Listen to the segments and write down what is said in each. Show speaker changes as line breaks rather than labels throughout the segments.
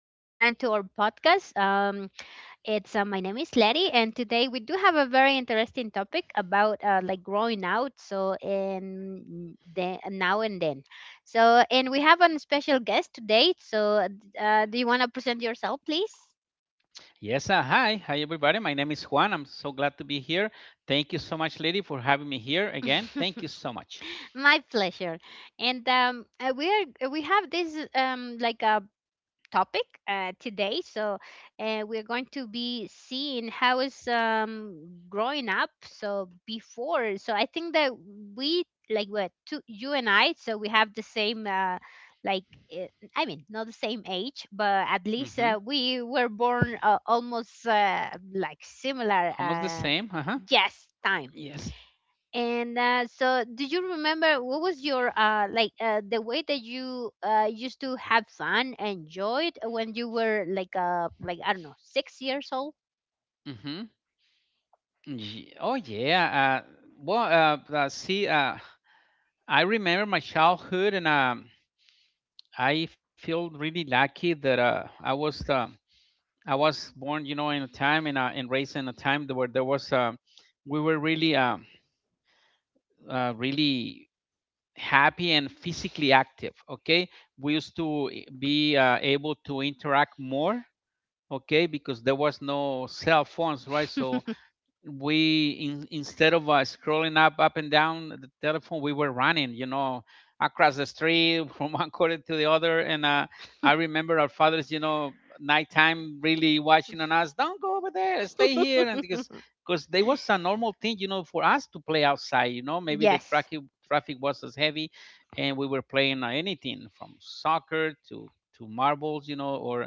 one more time to our podcast. It's My name is Letty, and today we do have a very interesting topic about like growing out. So in the now and then, so and we have a special guest today. So do you want to present yourself, please?
Yes, hi. Hi, everybody. My name is Juan. I'm so glad to be here. Thank you so much, lady, for having me here again. Thank you so much.
My pleasure. And we have this like a topic today. So we're going to be seeing how is growing up. So before, so I think that we like what two, you and I. So we have the same. Like eh, I mean not the same age, but at least
Hmm
we were born almost like similar,
Almost the same. Uh huh.
yes, time.
Yes.
And so, do you remember what was your like the way that you used to have fun and enjoyed when you were like I don't know 6 years old?
Mm-hmm. Oh, yeah. Uh, well, see, I remember my childhood, and I feel really lucky that I was born, in a time and raised in a time that where there was we were really really happy and physically active. Okay, we used to be able to interact more, okay, because there was no cell phones, right? So instead of scrolling up and down the telephone, we were running, you know, across the street from one corner to the other. And I remember our fathers, you know, nighttime really watching on us. Don't go over there, stay here. And because there was a normal thing, you know, for us to play outside, you know, maybe the
Yes.
traffic was as heavy. And we were playing anything from soccer to marbles, you know, or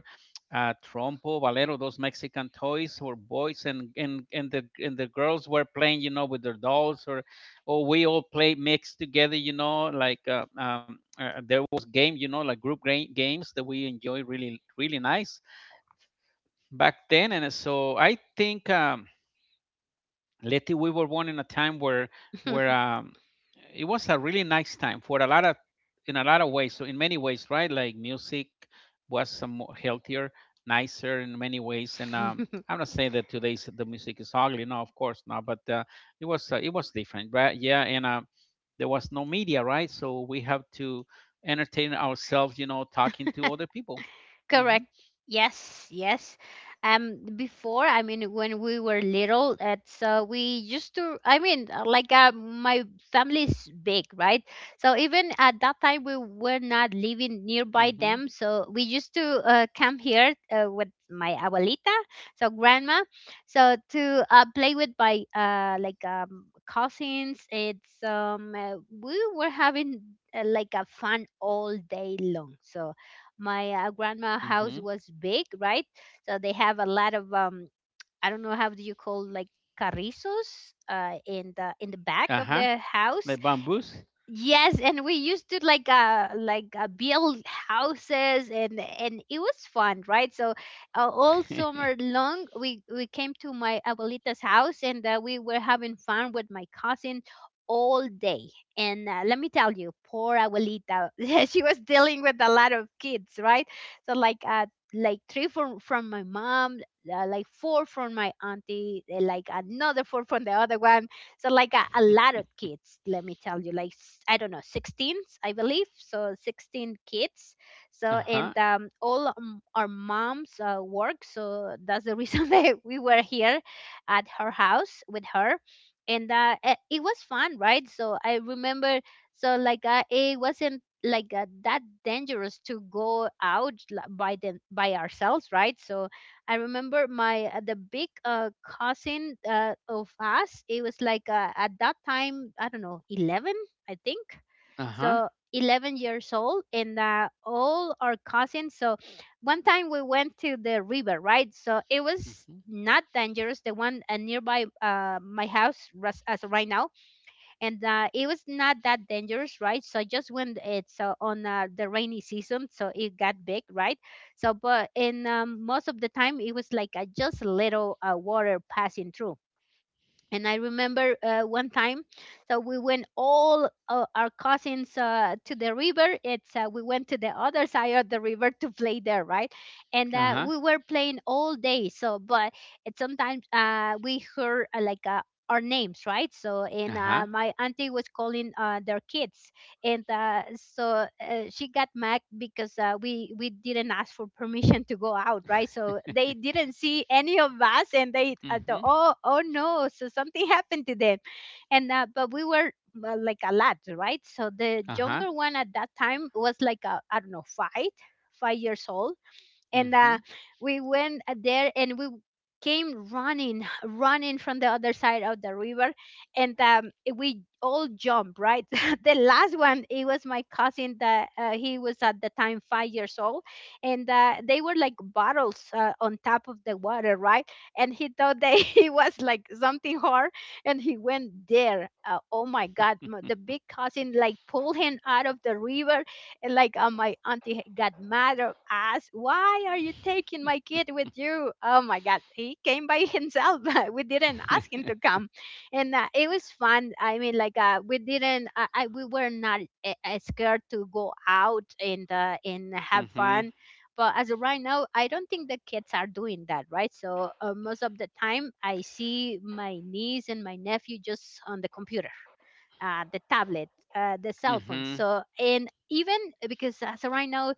trompo, valero, those Mexican toys for boys, and the girls were playing, you know, with their dolls, or we all play mixed together, you know, like there was game, you know, like games that we enjoy really really nice back then. And so I think. Letty, we were born in a time where where um, it was a really nice time for a lot of in a lot of ways. So in many ways, right? Like music was some more healthier, nicer in many ways. And I'm not saying that today's the music is ugly. No, of course not. But it was different, right? Yeah, and there was no media, right? So we have to entertain ourselves, you know, talking to other people. Mm-hmm.
Correct. Yes, yes. Before, I mean, when we were little, it's we used to. I mean, like my family's big, right? So even at that time, we were not
Mm-hmm.
living nearby them. So we used to come here with my abuelita, so grandma, so to play with my like cousins. It's We were having like a fun all day long. So my
Mm-hmm.
grandma house was big, right? So they have a lot of I don't know how do you call like carrizos in the
Uh-huh.
back of the
Like
house.
bamboos.
Yes, and we used to like build houses, and it was fun, right? So all summer long we came to my abuelita's house, and we were having fun with my cousin all day. And let me tell you, poor abuelita, she was dealing with a lot of kids, right? So like three from my mom, like four from my auntie, like another four from the other one, so like a lot of kids, let me tell you, like, I don't know, 16, I believe so, 16 kids. So,
Uh-huh.
and all our moms work, so that's the reason that we were here at her house with her. And it was fun, right? So I remember, so like, it wasn't like that dangerous to go out, like, by them, by ourselves, right? So I remember my the big, cousin of us. It was like, at that time, I don't know, 11, I think
Uh-huh.
so. 11 years old, and all our cousins. So one time we went to the river, right? So it was
Mhm.
not dangerous, the one nearby my house. As right now, and it was not that dangerous, right? So just when it's on the rainy season, so it got big, right? So, but in most of the time, it was like just a little water passing through. And I remember one time, so we went all our cousins to the river. It's We went to the other side of the river to play there, right? And
Uh-huh.
we were playing all day. So, but it sometimes we heard like our names, right? So, and
Uh-huh.
my auntie was calling their kids, and so she got mad because we didn't ask for permission to go out, right? So they didn't see any of us, and they thought,
Mhm.
oh no, so something happened to them. And but we were like a lot, right? So the
Uh-huh.
younger one at that time was like I don't know, five years old. And
Mhm.
we went there, and we came running from the other side of the river. And we all jumped, right? The last one, it was my cousin that he was at the time 5 years old. And they were like bottles on top of the water, right? And he thought that he was like something hard. And he went there, oh my God, the big cousin like pulled him out of the river. And like my auntie got mad or asked, "Why are you taking my kid with you?" Oh my God, he came by himself. We didn't ask him to come, and it was fun. I mean, like we didn't, I, we were not scared to go out and have
Mhm.
fun. But as of right now, I don't think the kids are doing that, right? So most of the time, I see my niece and my nephew just on the computer, the tablet, the cell phone.
Mhm.
So, and even because as of right now,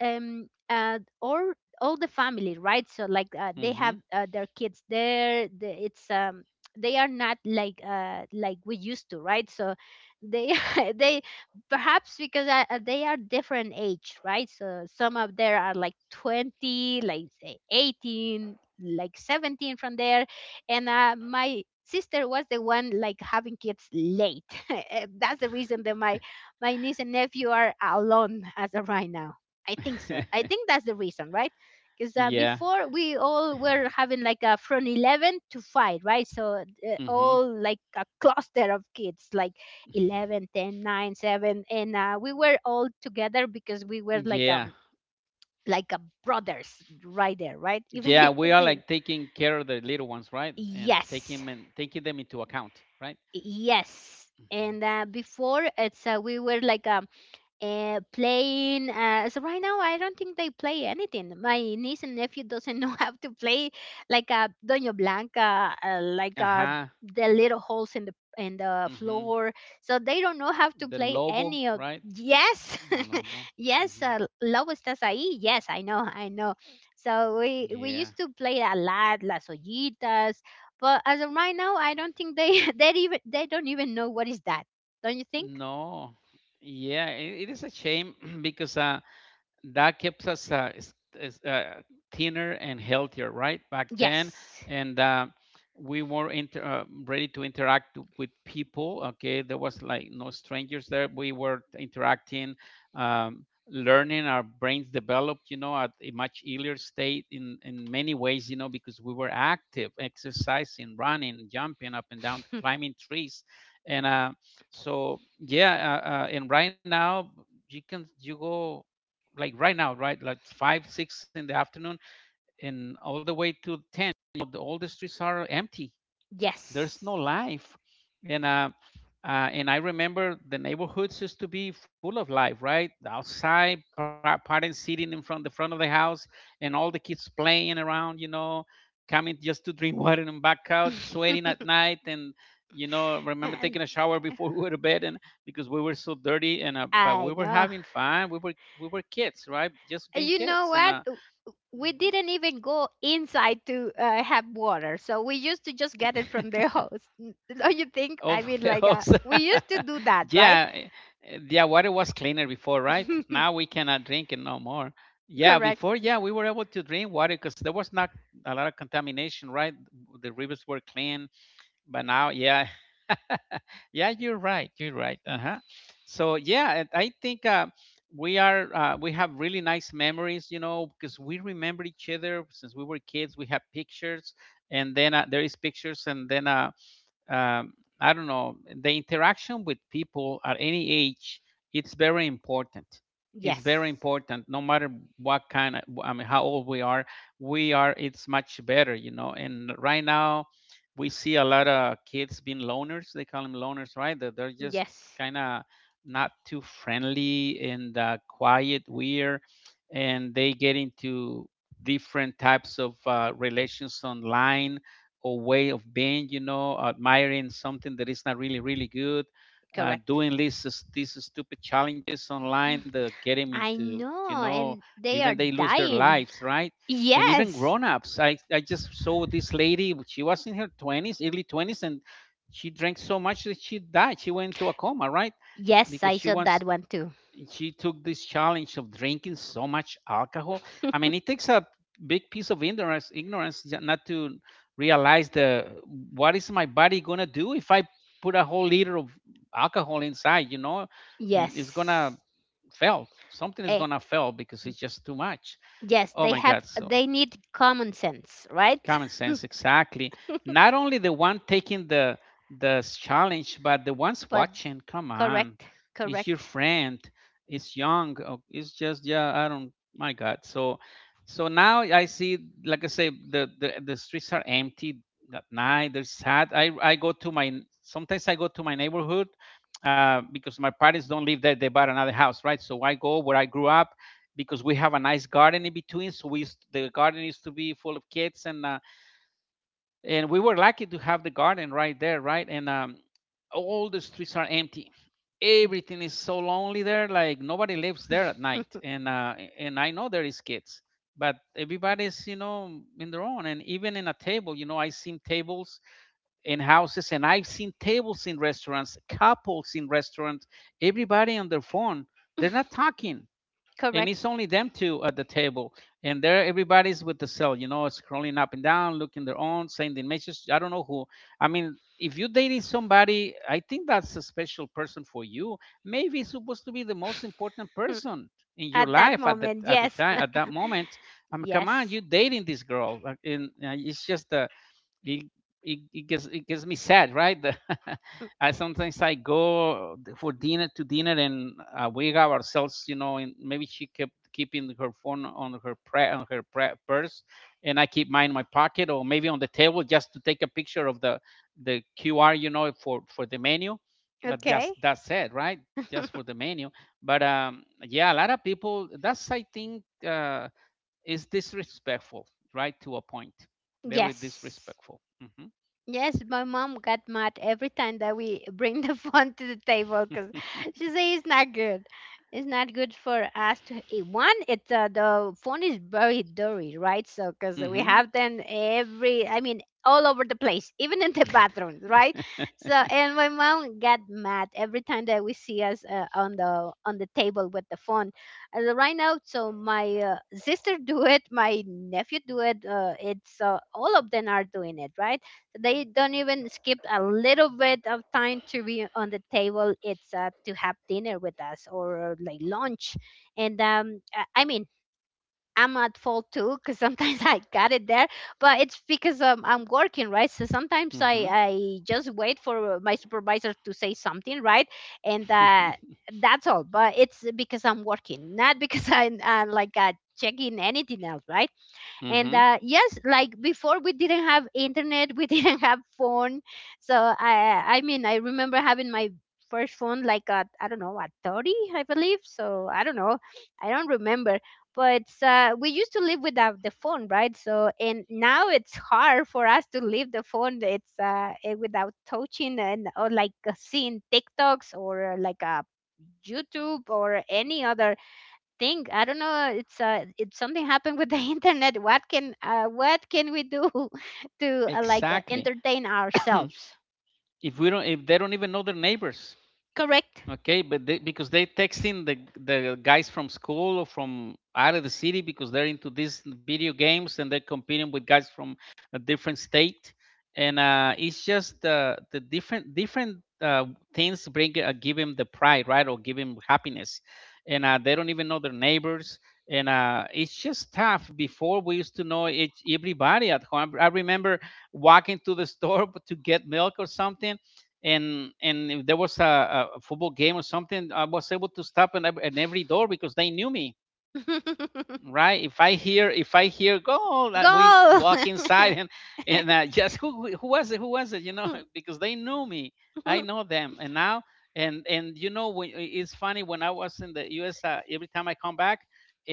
or all the family, right? So like, they have
Mhm.
their kids there, the, it's they are not like like we used to, right? So they they, perhaps because they are different age, right? So some of there are like 20, like say 18, like 17 from there. And my sister was the one like having kids late. That's the reason that my niece and nephew are alone as of right now. I think so. I think that's the reason, right? Because
Yeah.
before we all were having, like, from 11 to 5, right? So
Mhm.
all like a cluster of kids, like 11, 10, nine, 7. And we were all together because we were
Yeah.
like a brothers right there, right? Even
Yeah, we
if
are
we,
like taking care of the little ones, right? And
yes,
taking them into account, right?
yes.
Mhm.
And before, it's we were like playing. So right now, I don't think they play anything. My niece and nephew doesn't know how to play like a Doña Blanca, like
Uh-huh.
the little holes in the
Mhm.
floor. So they don't know how to
The
play
lobo,
any of.
right?
Yes,
Lobo.
yes,
Mhm.
Lobo estás ahí. Yes, I know, I know. So we
Yeah.
used to play a lot, las ollitas. But as of right now, I don't think they they even, they don't even know what is that. Don't you think?
No. Yeah, it is a shame because that keeps us is, uh, thinner and healthier, right? Back then,
Yes.
and we were ready to interact with people. Okay, there was like no strangers there. We were interacting, learning. Our brains developed, you know, at a much earlier state in many ways, you know, because we were active, exercising, running, jumping up and down, climbing trees, and so yeah. And right now, you go like right now, right, like five, six in the afternoon, and all the way to ten. You know, all the streets are empty. There's
Yes.
no life. And and I remember the neighborhoods used to be full of life, right? Outside, parents sitting in front the front of the house, and all the kids playing around, you know, coming just to drink water and back out, sweating at night, and you know, remember taking
And
a shower before we were to bed, and because we were so dirty. And but
I
we were
know.
having fun. We were kids, right? Just being
You know
kids. And
what? We didn't even go inside to have water. So we used to just get it
Mhm.
from the hose. Don't you think? I
Of
mean,
the
like,
hose,
we used to do that, right?
yeah, yeah, water was cleaner before, right? Now we cannot drink it no more. Yeah,
Correct.
before, yeah, we were able to drink water because there was not a lot of contamination, right? The rivers were clean, but now, yeah, yeah, you're right, you're right. Uh huh. So yeah, and I think we have really nice memories, you know, because we remember each other since we were kids. We have pictures, and then there is pictures. And then um, I don't know, the interaction with people at any age, it's very important. It's very
Yes.
important, no matter what kind of, I mean, how old we are, it's much better, you know. And right now, we see a lot of kids being loners. They call them loners, right? That they're just
Yes.
kind of not too friendly and quiet, weird, and they get into different types of relations online or way of being, you know, admiring something that is not really, really good,
Correct.
doing these stupid challenges online that get them
I
into, you
know.
know,
And they
even
are
they lose their
dying.
lives, right? And even
Yes.
grown-ups. I just saw this lady, she was in her 20s, early 20s, and she drank so much that she died. She went into a coma, right?
Yes,
Because
I saw that one too.
she took this challenge of drinking so much alcohol. I mean, it takes a big piece of not to realize the what is my body gonna do if I put a whole liter of alcohol inside, you know, and it's gonna
Yes.
fail. Something is gonna fail because it's just too much.
Yes,
Oh my God! So
they need common sense, right?
common sense, exactly. Not only the one taking the challenge, but the ones
But
watching. Come on,
correct,
it's your
correct.
friend. It's young. Oh, It's just yeah. I don't. My God. So, now I see. Like I say, the streets are empty at night. They're sad. I go to my Sometimes I go to my neighborhood because my parents don't live there. They bought another house, right? So I go where I grew up because we have a nice garden in between. So the garden used to be full of kids. And we were lucky to have the garden right there, right? And all the streets are empty, everything is so lonely there, like nobody lives there at night. And and I know there is kids, but everybody's, you know, in their own. And even in a table, you know, I seen tables in houses, and I've seen tables in restaurants, couples in restaurants, everybody on their phone, they're not talking, and it's
Correct.
only them two at the table. And there everybody's with the cell, you know, scrolling up and down, looking their own, sending messages, I don't know who. I mean, if you're dating somebody, I think that's a special person for you, maybe it's supposed to be the most important person in your
At that
life at that
moment,
at the
yes.
time at that moment. I mean come on,
Yes.
you're dating this girl, like, and it's just a it, it gets me sad, right?
Mm,
I sometimes I go for dinner to dinner. And we have ourselves, you know, and maybe she kept keeping her phone on her purse, and I keep mine in my pocket or maybe on the table just to take a picture of the QR, you know, for the menu. But
okay.
just that's it, right? Just for the menu. But yeah, a lot of people. That's I think is disrespectful, right, to a point. Very
Yes.
disrespectful. Hmm
Yes, my mom got mad every time that we bring the phone to the table because she says it's not good. It's not good for us to, one. It's The phone is very dirty, right? So because
hmm
we
hmm
have them every, I mean, all over the place, even in the bathrooms, right? So, and my mom got mad every time that we see us on the table with the phone. As of right now, so my sister do it, my nephew do it. It's All of them are doing it, right? They don't even skip a little bit of time to be on the table, it's to have dinner with us or like lunch. And I mean, I'm at fault too because sometimes I got it there. But it's because I'm working, right? So sometimes i
hmm
i just wait for my supervisor to say something, right? And that's all, but it's because I'm working, not because I like, checking anything else, right? And yes, like, before we didn't have internet, we didn't have phone. So I mean, I remember having my first phone, like at, I don't know, at 30, I believe so. I don't know, I don't remember. But we used to live without the phone, right? So, and now it's hard for us to leave the phone. Without touching and, or like seeing tiktoks or like youtube or any other thing, I don't know. It's something happened with the internet. What can we do to like
Exactly.
entertain ourselves?
If we don't, if they don't even know their neighbors.
Correct.
Okay, but they, because they texting the guys from school or from out of the city because they're into these video games and they're competing with guys from a different state, and it's just the different things bring give him the pride, right, or give him happiness, and they don't even know their neighbors, and it's just tough. Before we used to know each, everybody at home. I remember walking to the store to get milk or something. And if there was a football game or something, I was able to stop in every door because they knew me, right? If I hear, go, like we
Go.
walk inside and just who was it? Who was it? You know, because they knew me, I know them, and now and you know, it's funny when I was in the U.S. Every time I come back.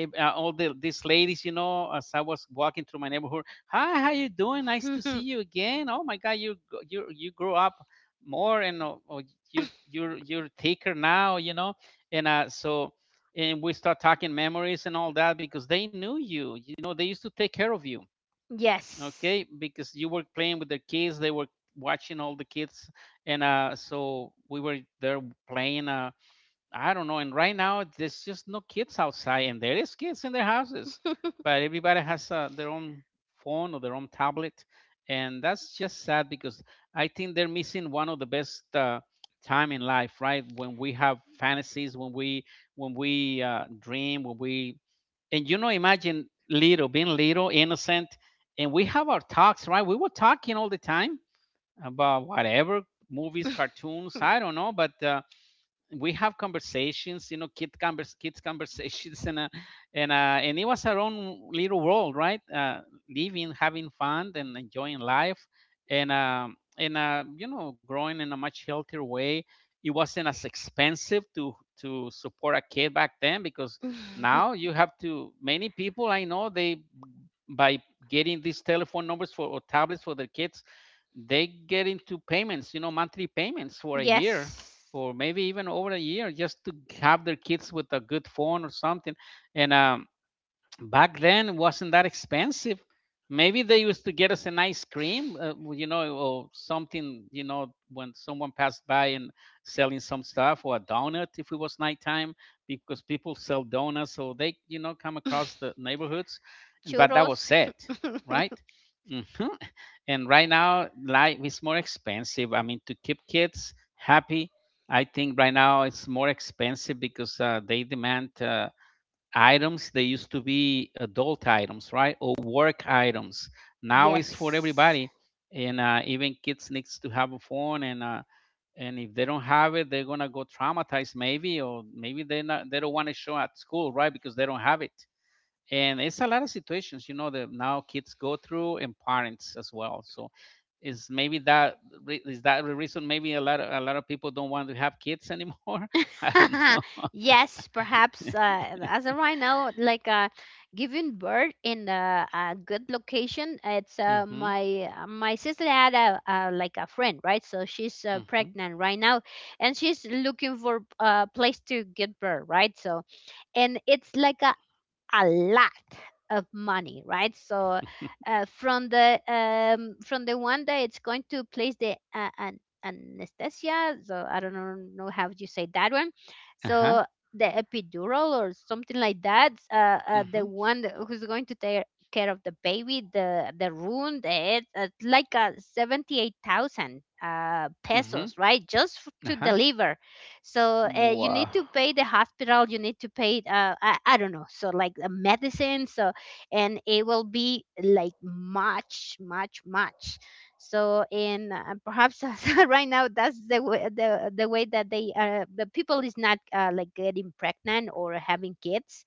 All these ladies, you know, as I was walking through my neighborhood, hi, how you doing? Nice to see you again. Oh my God, you you grew up more, and you're thicker now, you know, and so and we start talking memories and all that because they knew you, you know, they used to take care of you,
Yes.
okay, because you were playing with the kids, they were watching all the kids. And so we were there playing I don't know. And right now, there's just no kids outside, and there is kids in their houses, but everybody has their own phone or their own tablet, and that's just sad because I think they're missing one of the best time in life, right? When we have fantasies, when we dream, when we and you know, imagine little being little, innocent, and we have our talks, right? We were talking all the time about whatever movies, cartoons, I don't know, but. We have conversations, kids conversations, and uh, and it was our own little world, right? Living, having fun, and enjoying life, and growing in a much healthier way. It wasn't as expensive to support a kid back then because now you have to. Many people I know, they, by getting these telephone numbers for or tablets for their kids, they get into payments, monthly payments for a year
Yes.
or maybe even over a year just to have their kids with a good phone or something, and back then it wasn't that expensive. Maybe they used to get us an ice cream, or something, when someone passed by and selling some stuff, or a donut if it was nighttime because people sell donuts, so they, come across the neighborhoods, and but that
Churros.
was it. Right. Hmm. And right now, life is more expensive. I mean, to keep kids happy, I think right now it's more expensive because they demand items. They used to be adult items, right? Or work items. Now it's for
Yes.
everybody. And even kids needs to have a phone, and if they don't have it, they're gonna go traumatized maybe, or maybe they don't want to show at school, right? Because they don't have it, and it's a lot of situations, that now kids go through, and parents as well. So is maybe is that the reason maybe a lot of people don't want to have kids anymore? I don't know.
Yes, perhaps as of right now, like, giving birth in a good location. It's
Mm-hmm.
my my sister had a like a friend, right? So she's
Mm-hmm.
pregnant right now, and she's looking for a place to give birth, right? So and it's like a lot of money, right? So from the one that it's going to place the an anesthesia, so I don't know how you say that one.
Uh-huh.
So the epidural or something like that,
Mm-hmm.
the one who's going to take care of the baby, the room, the head, 78,000
Mm-hmm.
pesos, right? Just to
Uh-huh.
deliver. So you
Wow.
need to pay the hospital, you need to pay I don't know, so like the medicine. So and it will be like much, much, much. So in perhaps right now that's the way the way that they the people is not like getting pregnant or having kids.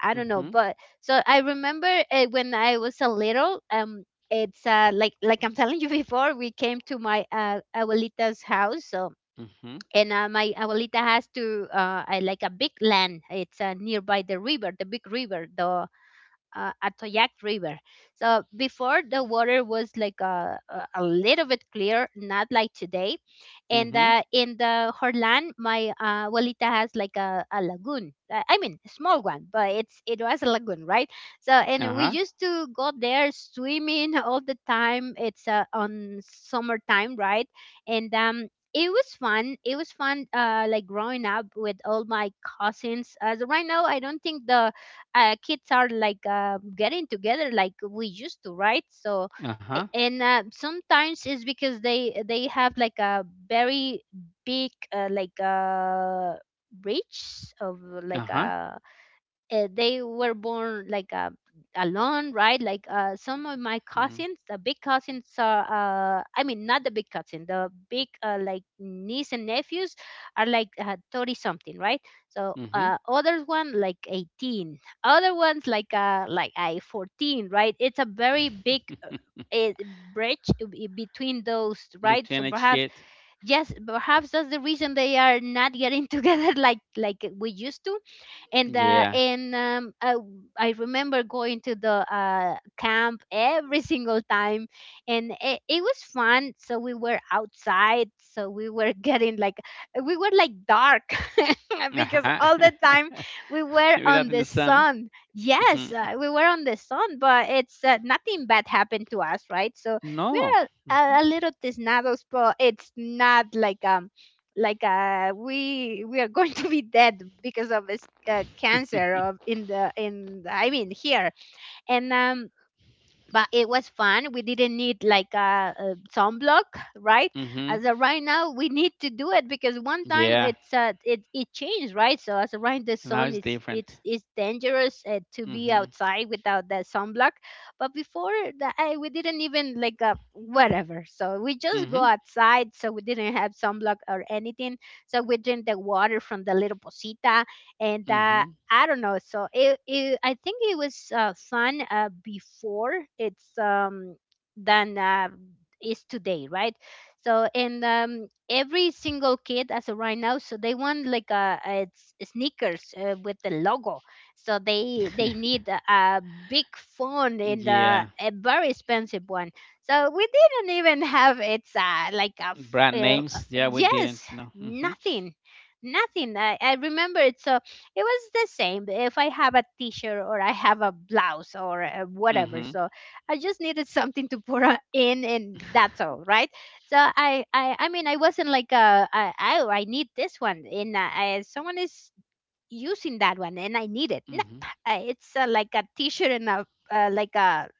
I don't know,
Mm-hmm.
but so I remember when I was a little, it's like I'm telling you, before we came to my abuelita's house. So
Mm-hmm.
and my abuelita has to like a big land. It's nearby the river, the big river, the Atoyac River. So before the water was like a little bit clear, not like today. And
Mm-hmm.
in the Horlan, my abuelita has like a lagoon. I mean, a small one, but it was a lagoon, right? So and we
Uh-huh.
used to go there swimming all the time. It's on summertime, right? And it was fun. It was fun, like growing up with all my cousins. As right now, I don't think the kids are like getting together like we used to, right? So
Uh-huh.
and sometimes it's because they have like a very big reach of, like
Uh-huh.
they were born like alone, right? Like some of my cousins, the big cousins are, I mean, not the big cousin, the big like niece and nephews are like 30 something, right? So
Mm-hmm.
other one like 18, other ones like I 14, right? It's a very big bridge between those, right?
Between
So
each
perhaps
kid.
yes, perhaps that's the reason they are not getting together like we used to. And
Yeah.
I remember going to the camp every single time, and it was fun. So we were outside, so we were getting like, we were like dark because
Uh-huh.
all the time we were
Without
on
in the
the
sun.
sun.
Mhm.
Yes, we were on the sun, but it's nothing bad happened to us, right? So
No.
we're
Mm-hmm.
a little tisnados, but it's not like like we are going to be dead because of this cancer of in the, I mean here. And but it was fun. We didn't need like a sunblock, right?
Mhm.
As of right now, we need to do it because one time
Yeah.
it's it it changed, right? So as of right, the
Now
sun
it's
it's
different.
it's it's dangerous to be
Mhm.
outside without that sunblock. But before that, we didn't even like whatever. So we just go
Mhm.
outside, so we didn't have sunblock or anything. So we drink the water from the little posita, and
Mhm.
I don't know. So it I think it was fun before it's than is today, right? So and every single kid as of right now, so they want like sneakers with the logo. So they need a big phone and
Yeah.
a very expensive one. So we didn't even have, it's
Brand names. Yeah, we didn't
yes,
know. Mhm.
nothing nothing. I remember it, it was the same if I have a t-shirt or I have a blouse or whatever.
Mhm.
So I just needed something to put in, and that's all, right? So I mean I wasn't like I need this one, and someone is using that one and I need it. No,
Mhm.
it's like a t-shirt and a like a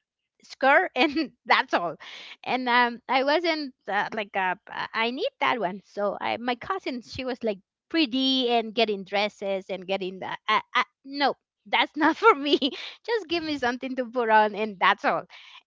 skirt and that's all. And I wasn't I need that one. So I my cousin, she was like pretty and getting dresses and getting that. No, that's not for me. Just give me something to put on and that's all.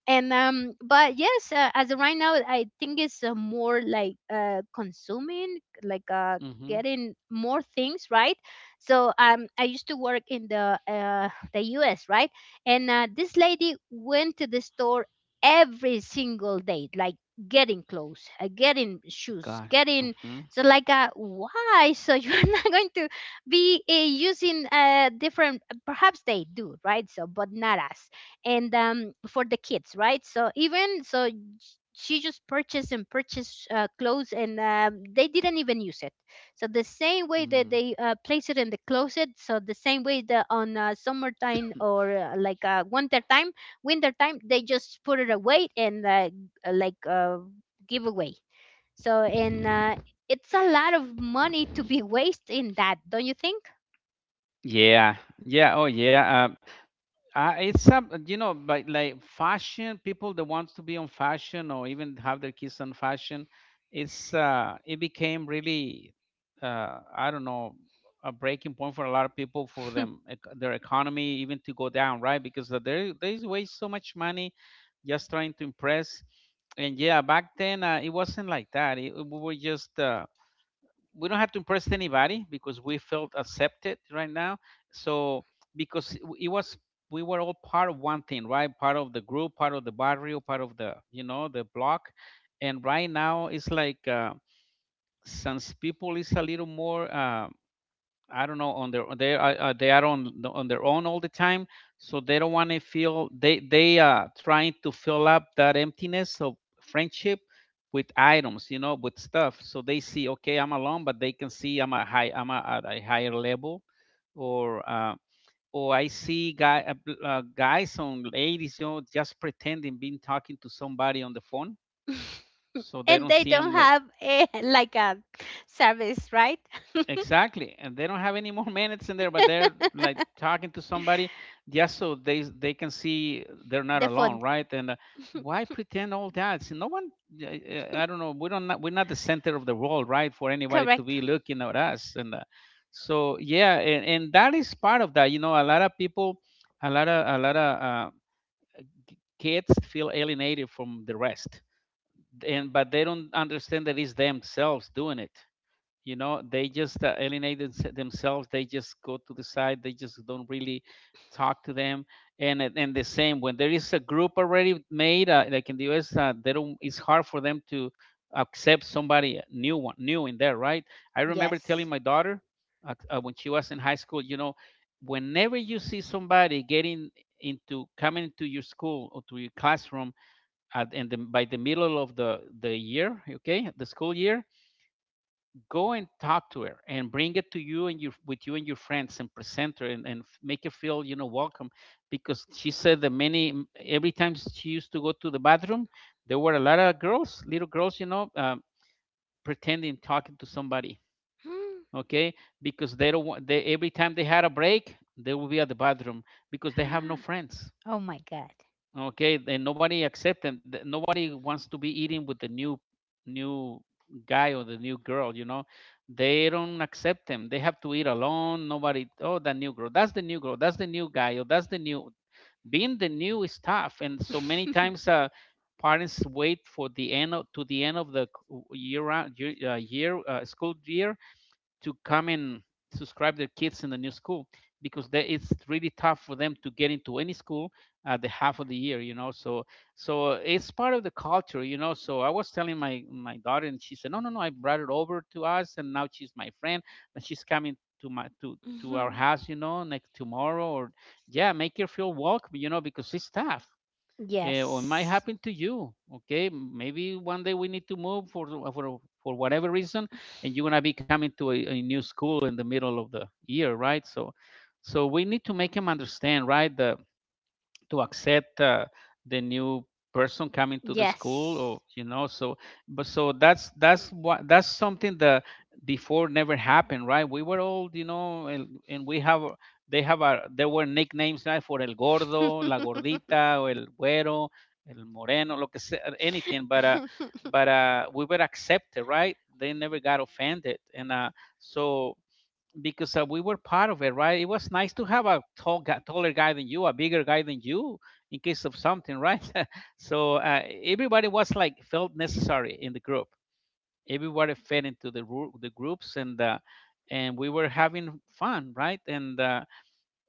And but yes, as of right now I think it's more like consuming, like
Mhm.
getting more things, right? So I used to work in the US, right? And this lady went to the store every single day, like getting clothes, getting shoes,
God.
getting.
Mhm.
So, like, why? So, you're not going to be using different. Perhaps they do, right? So, but not us. And for the kids, right? So, even so, she just purchased and purchased clothes, and they didn't even use it. So the same way that
Mm.
they place it in the closet, so the same way that on summertime or winter time, they just put it away and give away. So and it's a lot of money to be wasted in that, don't you think?
Yeah. Yeah. Oh, yeah. It's some, but like fashion, people that wants to be on fashion or even have their kids on fashion, it became really, I don't know, a breaking point for a lot of people, for them, their economy even to go down, right? Because there's waste so much money just trying to impress, and yeah, back then it wasn't like that. We were just, we don't have to impress anybody because we felt accepted right now. So because it was we were all part of one thing, right? Part of the group, part of the barrio, part of the, the block, and right now it's like, since people is a little more. I don't know, on their they are on their own all the time, so they don't want to feel, they are trying to fill up that emptiness of friendship with items, you know, with stuff. So they see, okay, I'm alone, but they can see I'm a, at a higher level, or uh, or I see guys on ladies, just pretending being talking to somebody on the phone, so they
And
don't
they
see
don't
him, like,
have a, like a service, right?
exactly, and they don't have any more minutes in there, but they're like talking to somebody just so they can see they're not
The phone,
alone, right? And Why pretend all that? See, no one, I don't know, we're not the center of the world, right? For anybody to
correct?
be looking at us, and so yeah, and that is part of that. You know, a lot of people, a lot of kids feel alienated from the rest, and but they don't understand that it's themselves doing it, they just alienate themselves, they just go to the side, they just don't really talk to them. And the same when there is a group already made, like in the US, they don't, it's hard for them to accept somebody new in there, right. I remember telling
Yes.
my daughter, when she was in high school, whenever you see somebody getting into coming into your school or to your classroom, by the middle of the year, okay, the school year, go and talk to her and bring it to you and you with you and your friends and present her, and make her feel, welcome, because she said that many every time she used to go to the bathroom there were a lot of girls little girls, pretending talking to somebody. Okay, because they don't want they, every time they had a break, they will be at the bathroom because they have no friends.
Oh my god.
Okay, then nobody accept them. Nobody wants to be eating with the new guy or the new girl, you know. They don't accept them. They have to eat alone. Nobody, oh, that new girl. That's the new girl. That's the new guy. Or that's the new. Being the new is tough. And so many times, parents wait for to the end of the c- year round, year, year school year to come and subscribe their kids in the new school because they, it's really tough for them to get into any school at the half of the year, so. So it's part of the culture, so I was telling my daughter, and she said, no, no, no, I brought it over to us, and now she's my friend, and she's coming to my to our
Mhm.
house, like tomorrow or, yeah, make her feel welcome, because it's tough. Or it might
Yes.
happen to you. Okay, maybe one day we need to move for for whatever reason, and you're gonna be coming to a new school in the middle of the year, right? So, we need to make them understand, right? The To accept the new person coming to the school, or,
Yes.
so. But so that's something that before never happened, right. We were old, and, we have, they have a there were nicknames, right, for el gordo, la gordita, or el güero, el moreno, lo que sea, anything, but we were accepted, right. They never got offended, and so, because we were part of it, right? It was nice to have a taller guy than you, a bigger guy than you, in case of something, right? So everybody was like felt necessary in the group. Everybody fed into the the groups, and we were having fun, right? And uh,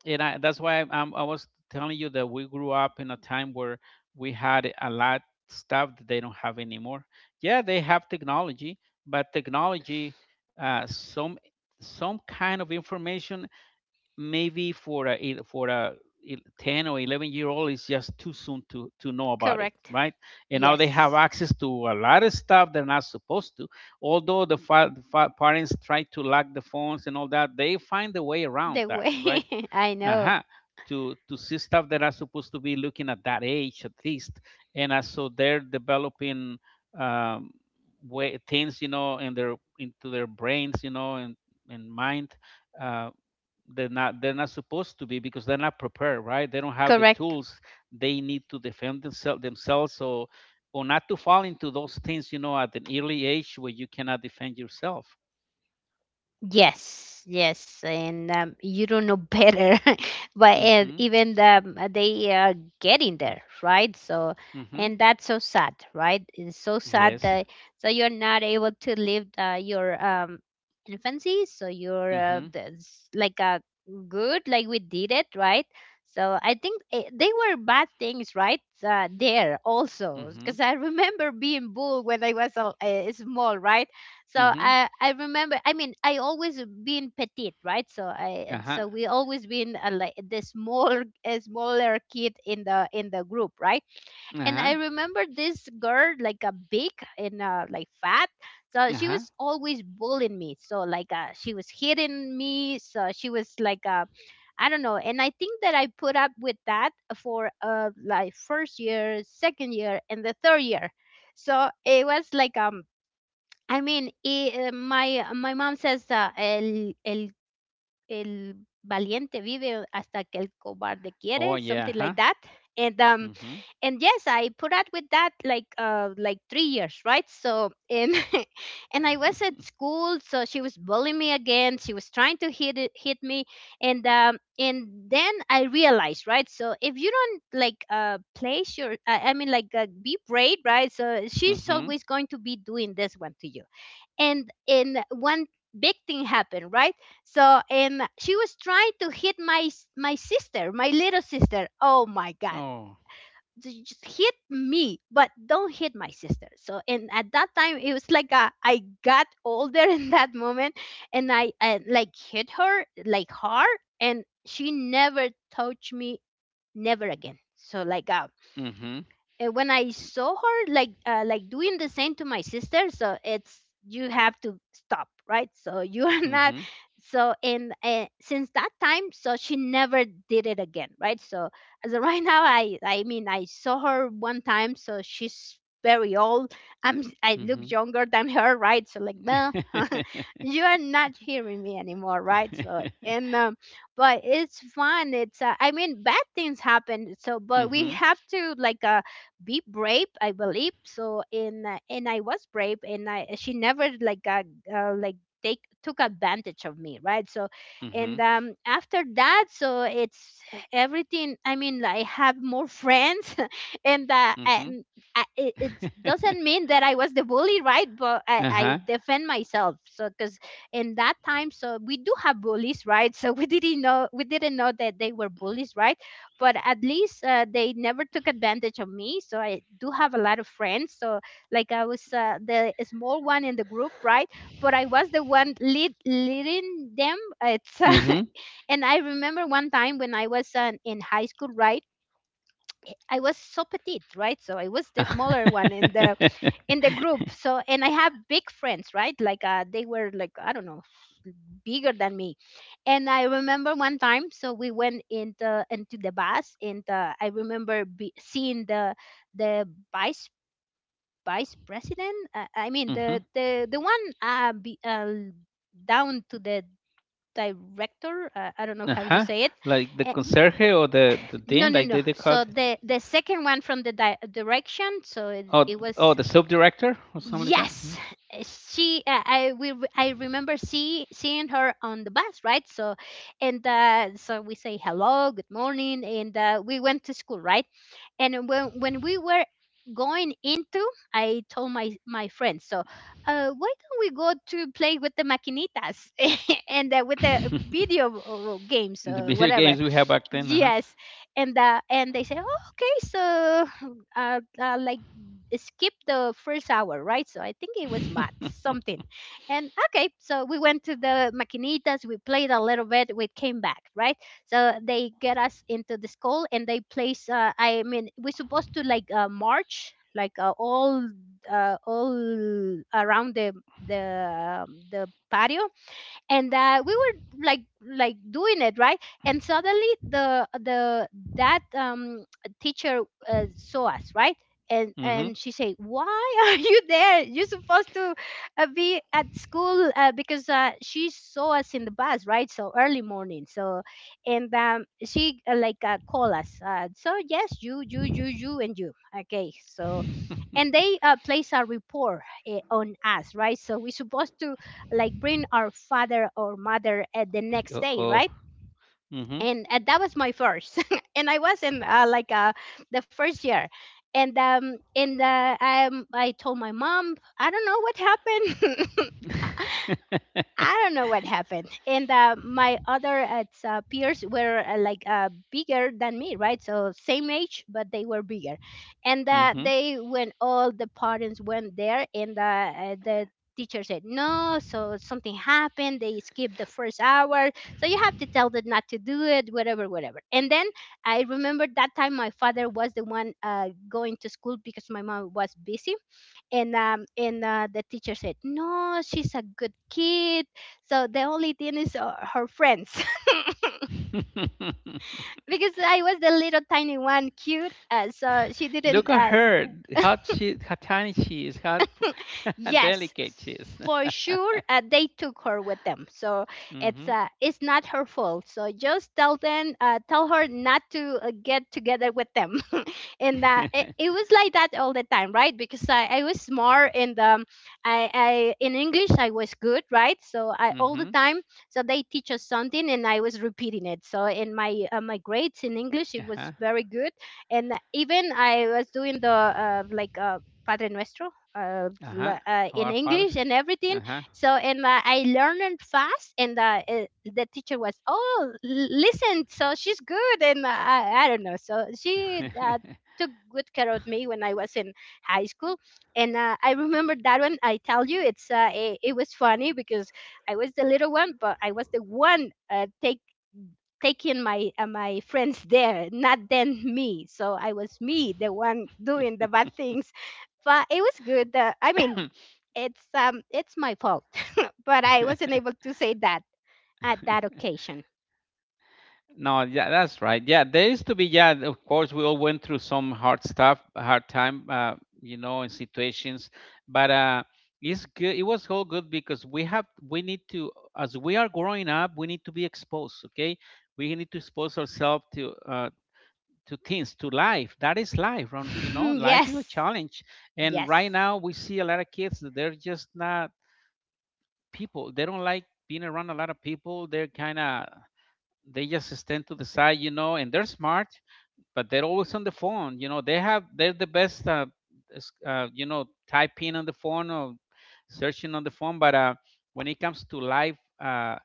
and I, that's why I'm, I was telling you that we grew up in a time where we had a lot stuff that they don't have anymore. Yeah, they have technology, but technology, some kind of information, maybe for a 10 or 11-year-old is just too soon to know about it,
Correct.
right. And now they have
Yes.
access to a lot of stuff they're not supposed to, although the parents try to lock the phones and all that, they find a way around
The
that, right.
way I know.
Uh-huh. To see stuff that are supposed to be looking at that age at least, and so they're developing, um, way things, in their into their brains, and mind. Uh, they're not supposed to be because they're not prepared, right? They don't have the
Correct.
tools they need to defend themselves. So, or not to fall into those things, at an early age where you cannot defend yourself.
Yes, yes, and you don't know better, but and
Mm-hmm.
even the, they are getting there, right? So,
Mm-hmm.
and that's so sad, right? It's so sad
Yes.
that, so you're not able to live the, your infancy, so you're
Mm-hmm.
that's like a good, like we did it, right? So I think they were bad things, right? There also,
Mm-hmm.
because I remember being bull when I was a, small, right? So
Mm-hmm.
I remember, I mean, I always been petite, right? So I,
Uh-huh.
so we always been like the small a smaller kid in the group, right? And
Uh-huh.
I remember this girl, like a big and like fat. So she
Uh-huh.
was always bullying me. So like she was hitting me, so she was like I don't know. And I think that I put up with that for like first year, second year, and the third year. So it was like I mean, my my mom says el el el valiente vive hasta que el cobarde
Oh,
quiere,
yeah,
something
huh?
like that. And um
Mm-hmm.
and yes, I put up with that like 3 years, right? So and and I was at school, so she was bullying me again. She was trying to hit me, and then I realized, right? So if you don't like place your, I mean like be brave, right? So she's
Mm-hmm.
always going to be doing this one to you. And one big thing happened, right? So and she was trying to hit my my sister, my little sister. Oh my god.
Oh.
Just hit me, but don't hit my sister. So and at that time it was like I got older in that moment. And I like hit her like hard, and she never touched me never again. So like
Mm-hmm.
when I saw her like doing the same to my sister, so it's you have to stop, right? So you are not.
Mm-hmm.
So and since that time, so she never did it again, right? So as of right now, I mean I saw her one time, so she's very old. I
Mm-hmm.
look younger than her, right? So like, well, you are not hearing me anymore, right? So and but it's fun. It's I mean bad things happen, so but we
Mm-hmm.
have to like be brave. I believe so in and I was brave and I she never like got uh, like take took advantage of me, right? So
Mm-hmm.
and after that, so it's everything. I mean, I have more friends, and uh,
Mm-hmm.
and I, it, it doesn't mean that I was the bully, right? But I
Uh-huh.
defend myself, so because in that time, so we do have bullies, right? So we didn't know that they were bullies, right? But at least they never took advantage of me, so I do have a lot of friends. So like I was the small one in the group, right? But I was the one leading them. It's
Hmm. Hmm.
And I remember one time when I was in high school, right? I was so petite, right? So I was the smaller one
Uh-huh.
in the group. So and I have big friends, right? Like they were like, I don't know, bigger than me. And I remember one time, so we went into the bus, and I remember seeing the the vice vice president. I mean, the one down to the director. I don't know how you say it.
Like the
Uh,
conserje or the
no,
dean,
no,
like
no.
they
So
called it.
the second one from the direction. So it,
Oh,
it
oh,
was.
the sub director or something like that.
Yes. She. I remember seeing her on the bus, right? So, and so we say hello, good morning, and we went to school, right? And when we were going into, I told my friends, so why don't we go to play with the maquinitas and with the
Mhm.
video games,
The video
whatever?
games we had back then, uh-huh.
Yes, and they say, oh, okay. So like skip the first hour, right? So I think it was math something, and okay, so we went to the maquinitas, we played a little bit, we came back, right? So they get us into the school and they place. I mean, we're supposed to march all around the the patio, and we were like doing it, right? And suddenly the that teacher saw us, right? and
Mm-hmm.
and she said, why are you there? You're supposed to be at school, because she saw us in the bus, right? So early morning, so and she, like, call us, so yes, you, and you, okay? So and they place a rapport on us, right? So we're supposed to like bring our father or mother at the next
Uh
day,
oh.
right?
Mm-hmm.
And that was my first, and I was in the first year. And I told my mom, I don't know what happened. I don't know what happened. And my other peers were bigger than me, right? So same age, but they were bigger. And uh,
mm-hmm.
they, when all the parents went there, and the teacher said, no, so something happened. They skipped the first hour, so you have to tell them not to do it, whatever, whatever. And then I remember that time my father was the one going to school, because my mom was busy, and the teacher said, no, she's a good kid. So the only thing is her friends, because I was the little tiny one, cute, so she didn't.
Look at her, how she, how tiny she is, how
Yes,
delicate she is.
for sure. They took her with them, so
Mm-hmm.
it's not her fault. So just tell them, tell her not to get together with them. and uh, it, it was like that all the time, right? Because I was smart, and I in English I was good, right? So I all the
mm-hmm.
time. So they teach us something, and I was repeating it. So in my grades in English, it was
Uh-huh.
very good, and even I was doing the Padre Nuestro,
Uh-huh.
in
Our father.
English and everything.
Uh-huh.
So and I learned fast, and the teacher was, oh, listen, so she's good, and I don't know. So she. Took good care of me when I was in high school, and I remember that one. I tell you, it was funny because I was the little one, but I was the one taking my friends there, not then me. So I was me, the one doing the bad things. But it was good. I mean, it's my fault, but I wasn't able to say that at that occasion.
No, yeah, that's right. Yeah, there used to be. Yeah, of course, we all went through some hard stuff, hard time, you know, in situations. But it's good. It was all good because we have, we need to, as we are growing up, we need to be exposed. Okay, we need to expose ourselves to to things, to life. That is life. You know, life is a
Yes,
challenge. And
yes,
right now, we see a lot of kids that they're just not people. They don't like being around a lot of people. They're kind of they just stand to the side, you know, and they're smart, but they're always on the phone. You know, they have they're the best, you know, typing on the phone or searching on the phone. But when it comes to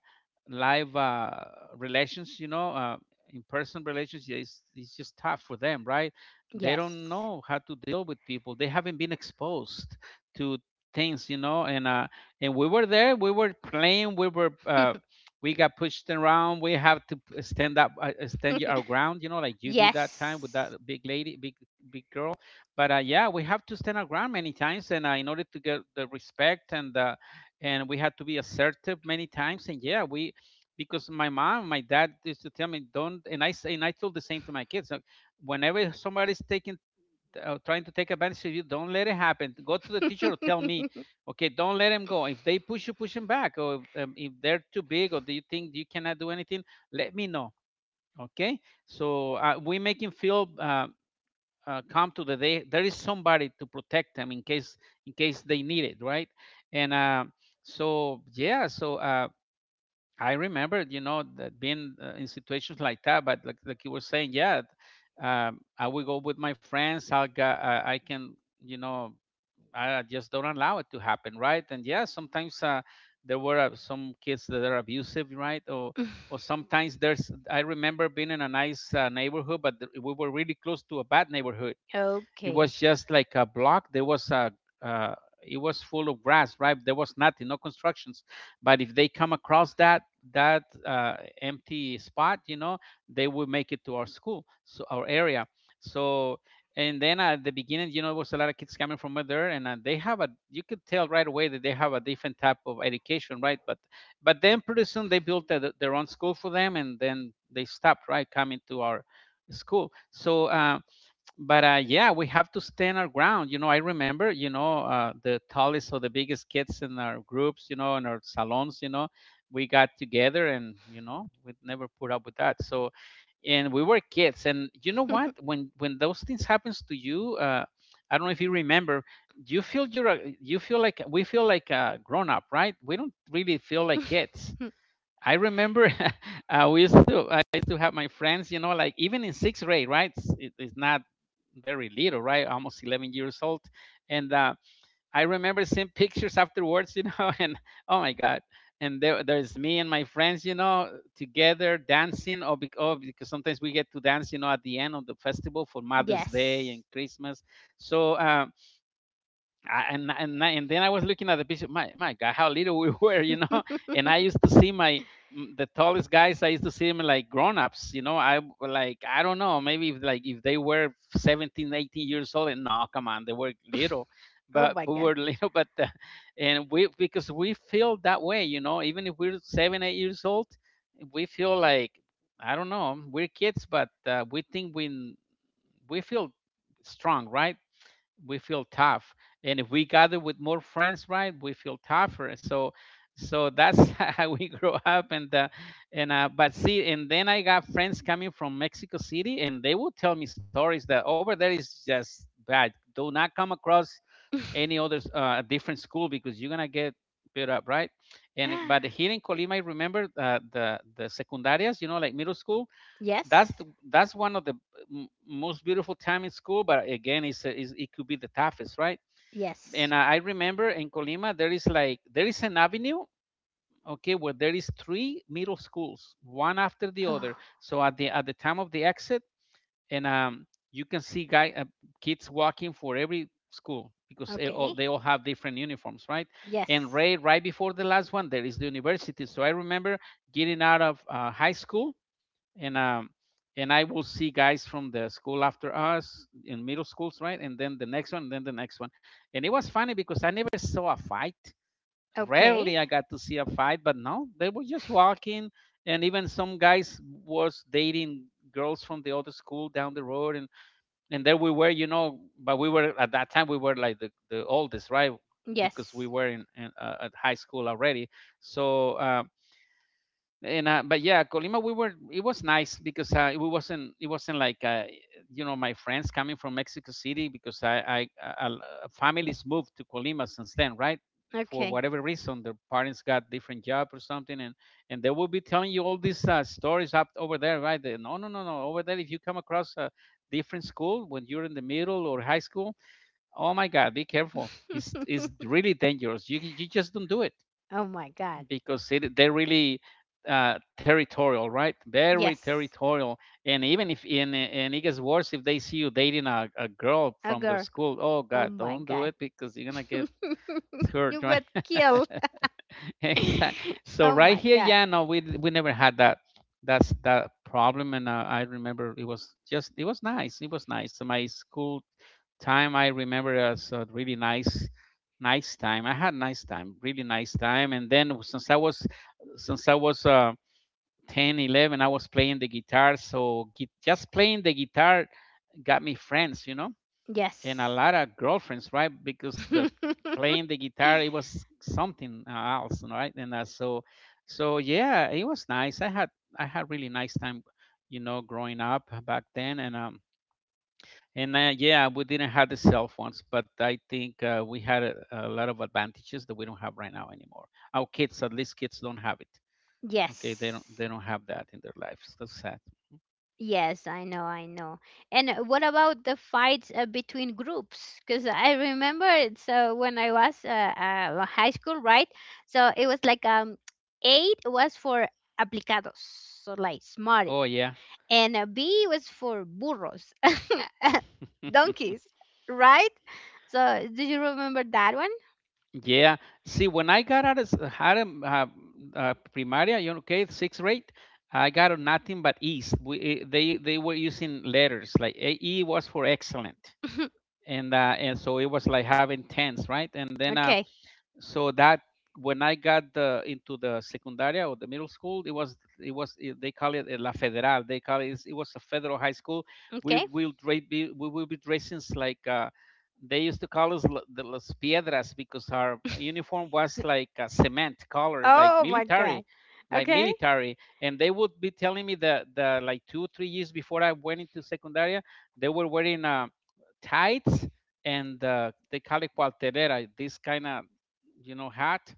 live relations, you know, in person relations, yeah, it's just tough for them, right? They don't
yes,
know how to deal with people. They haven't been exposed to things, you know. And we were there. We were playing. We got pushed around. We have to stand up, stand our ground, you know, like you did that time with that
yes.
big lady, big girl. But yeah, we have to stand our ground many times, and in order to get the respect and we had to be assertive many times. And yeah, we because my mom, my dad used to tell me don't, and I told the same to my kids. Like, whenever somebody's taking, trying to take advantage of you, don't let it happen. Go to the teacher or tell me, okay, don't let them go. If they push you, push them back. Or if they're too big, or do you think you cannot do anything, let me know. Okay, so we make him feel come to the day there is somebody to protect them in case they need it, right? And so yeah, so. I remember, you know, that being in situations like that. But like you were saying, yeah, I will go with my friends. I can, you know, I just don't allow it to happen, right? And yeah, sometimes there were some kids that are abusive, right? Or sometimes there's. I remember being in a nice neighborhood, but we were really close to a bad neighborhood it was
Okay.
just like a block. There was a uh, it was full of grass, right? There was nothing, no constructions. But if they come across that empty spot, you know, they will make it to our school, so our area. So and then at the beginning, you know, it was a lot of kids coming from there, and they have a you could tell right away that they have a different type of education, right? But then pretty soon they built their own school for them, and then they stopped right coming to our school. So. But yeah, we have to stand our ground. You know, I remember, you know, the tallest or the biggest kids in our groups, you know, in our salons, you know, we got together and you know we never put up with that. So and we were kids, and you know what? When those things happens to you, I don't know if you remember, you feel like we feel like grown up, right? We don't really feel like kids. I remember we used to I used to have my friends, you know, like even in sixth grade, right? It's not very little, right? Almost 11 years old, and I remember seeing pictures afterwards, you know, and oh my god, and there's me and my friends, you know, together dancing, or because, oh, because sometimes we get to dance, you know, at the end of the festival for Mother's Day and
Yes.
Christmas, so. I, and then I was looking at the picture. My God, how little we were, you know. And I used to see my the tallest guys. I used to see them like grown-ups, you know. I don't know, maybe if, if they were 17, 18 years old, and no, come on, they were little,
Oh
but
my
we
god.
were little. But and we because we feel that way, you know. Even if we're 7, 8 years old, we feel like I don't know, we're kids, but we think we feel strong, right? We feel tough, and if we gather with more friends, right, we feel tougher. So that's how we grow up and but see, and then I got friends coming from Mexico City, and they would tell me stories that over there is just bad, do not come across any other different school because you're gonna get beat up, right. And but here in Colima, I remember the secundarias, you know, like middle school,
Yes.
that's one of the most beautiful time in school, but again, it's, it could be the toughest, right.
Yes.
And I remember in Colima there is like there is an avenue, okay, where there is three middle schools one after the other,
Oh.
so at the time of the exit, and you can see guy kids walking for every school because
Okay.
they all have different uniforms, right. And
Yes.
right before the last one there is the university, so I remember getting out of high school, and um and I will see guys from the school after us in middle schools, right? And then the next one, and then the next one. And it was funny because I never saw a fight.
Okay.
Rarely I got to see a fight, but no, they were just walking, and even some guys was dating girls from the other school down the road, and there we were, you know, but we were at that time we were like the oldest, right? Because
Yes.
we were in at high school already. So and but yeah, Colima, we were, it was nice because it wasn't, it wasn't like you know, my friends coming from Mexico City, because I, families moved to Colima since then, right, for
Okay.
whatever reason their parents got different job or something, and they will be telling you all these stories up over there, right. They, no no no no, over there if you come across a different school when you're in the middle or high school, oh my god, be careful, it's really dangerous, you just don't do it
Oh my god.
because they're really territorial, right? Very
Yes.
territorial. And it gets worse if they see you dating a girl
A
from their
girl.
school. Oh
Oh
God,
my
don't do
god.
it because you're gonna get hurt,
You
right?
got killed.
Exactly. So
Oh
right
my
here,
god.
yeah, no, we never had that's that problem, and I remember it was just it was nice. It was nice. So my school time I remember as a really nice nice time. I had nice time, really nice time. And then since I was 10, 11, I was playing the guitar. So just playing the guitar got me friends, you know, and a
Yes.
lot of girlfriends, right? Because the playing the guitar, it was something else, right? So yeah, it was nice. I had really nice time, you know, growing up back then, And yeah, we didn't have the cell phones, but I think we had a lot of advantages that we don't have right now anymore. Our kids, at least kids, don't have it. Okay, they
Yes.
don't have that in their lives. That's sad.
Yes, I know, I know. And what about the fights between groups? Because I remember it. So when I was high school, right? So it was like eight was for aplicados, so like smart,
Oh yeah.
and B was for burros, donkeys, right? So do you remember that one?
Yeah. See, when I got out of primaria, you know, okay, sixth grade, I got on nothing but E's. They were using letters, like E was for excellent, and so it was like having tens, right? And then
Okay,
so that when I got into the secundaria or the middle school, they call it La Federal. They call it, it was a federal high school. We
okay.
will we will be dressing like they used to call us the Las Piedras because our uniform was like a cement color, like
Oh my god.
military, like
Okay,
military. And they would be telling me that the like 2 3 years before I went into secundaria, they were wearing tights and they call it cuartelera, this kind of hat.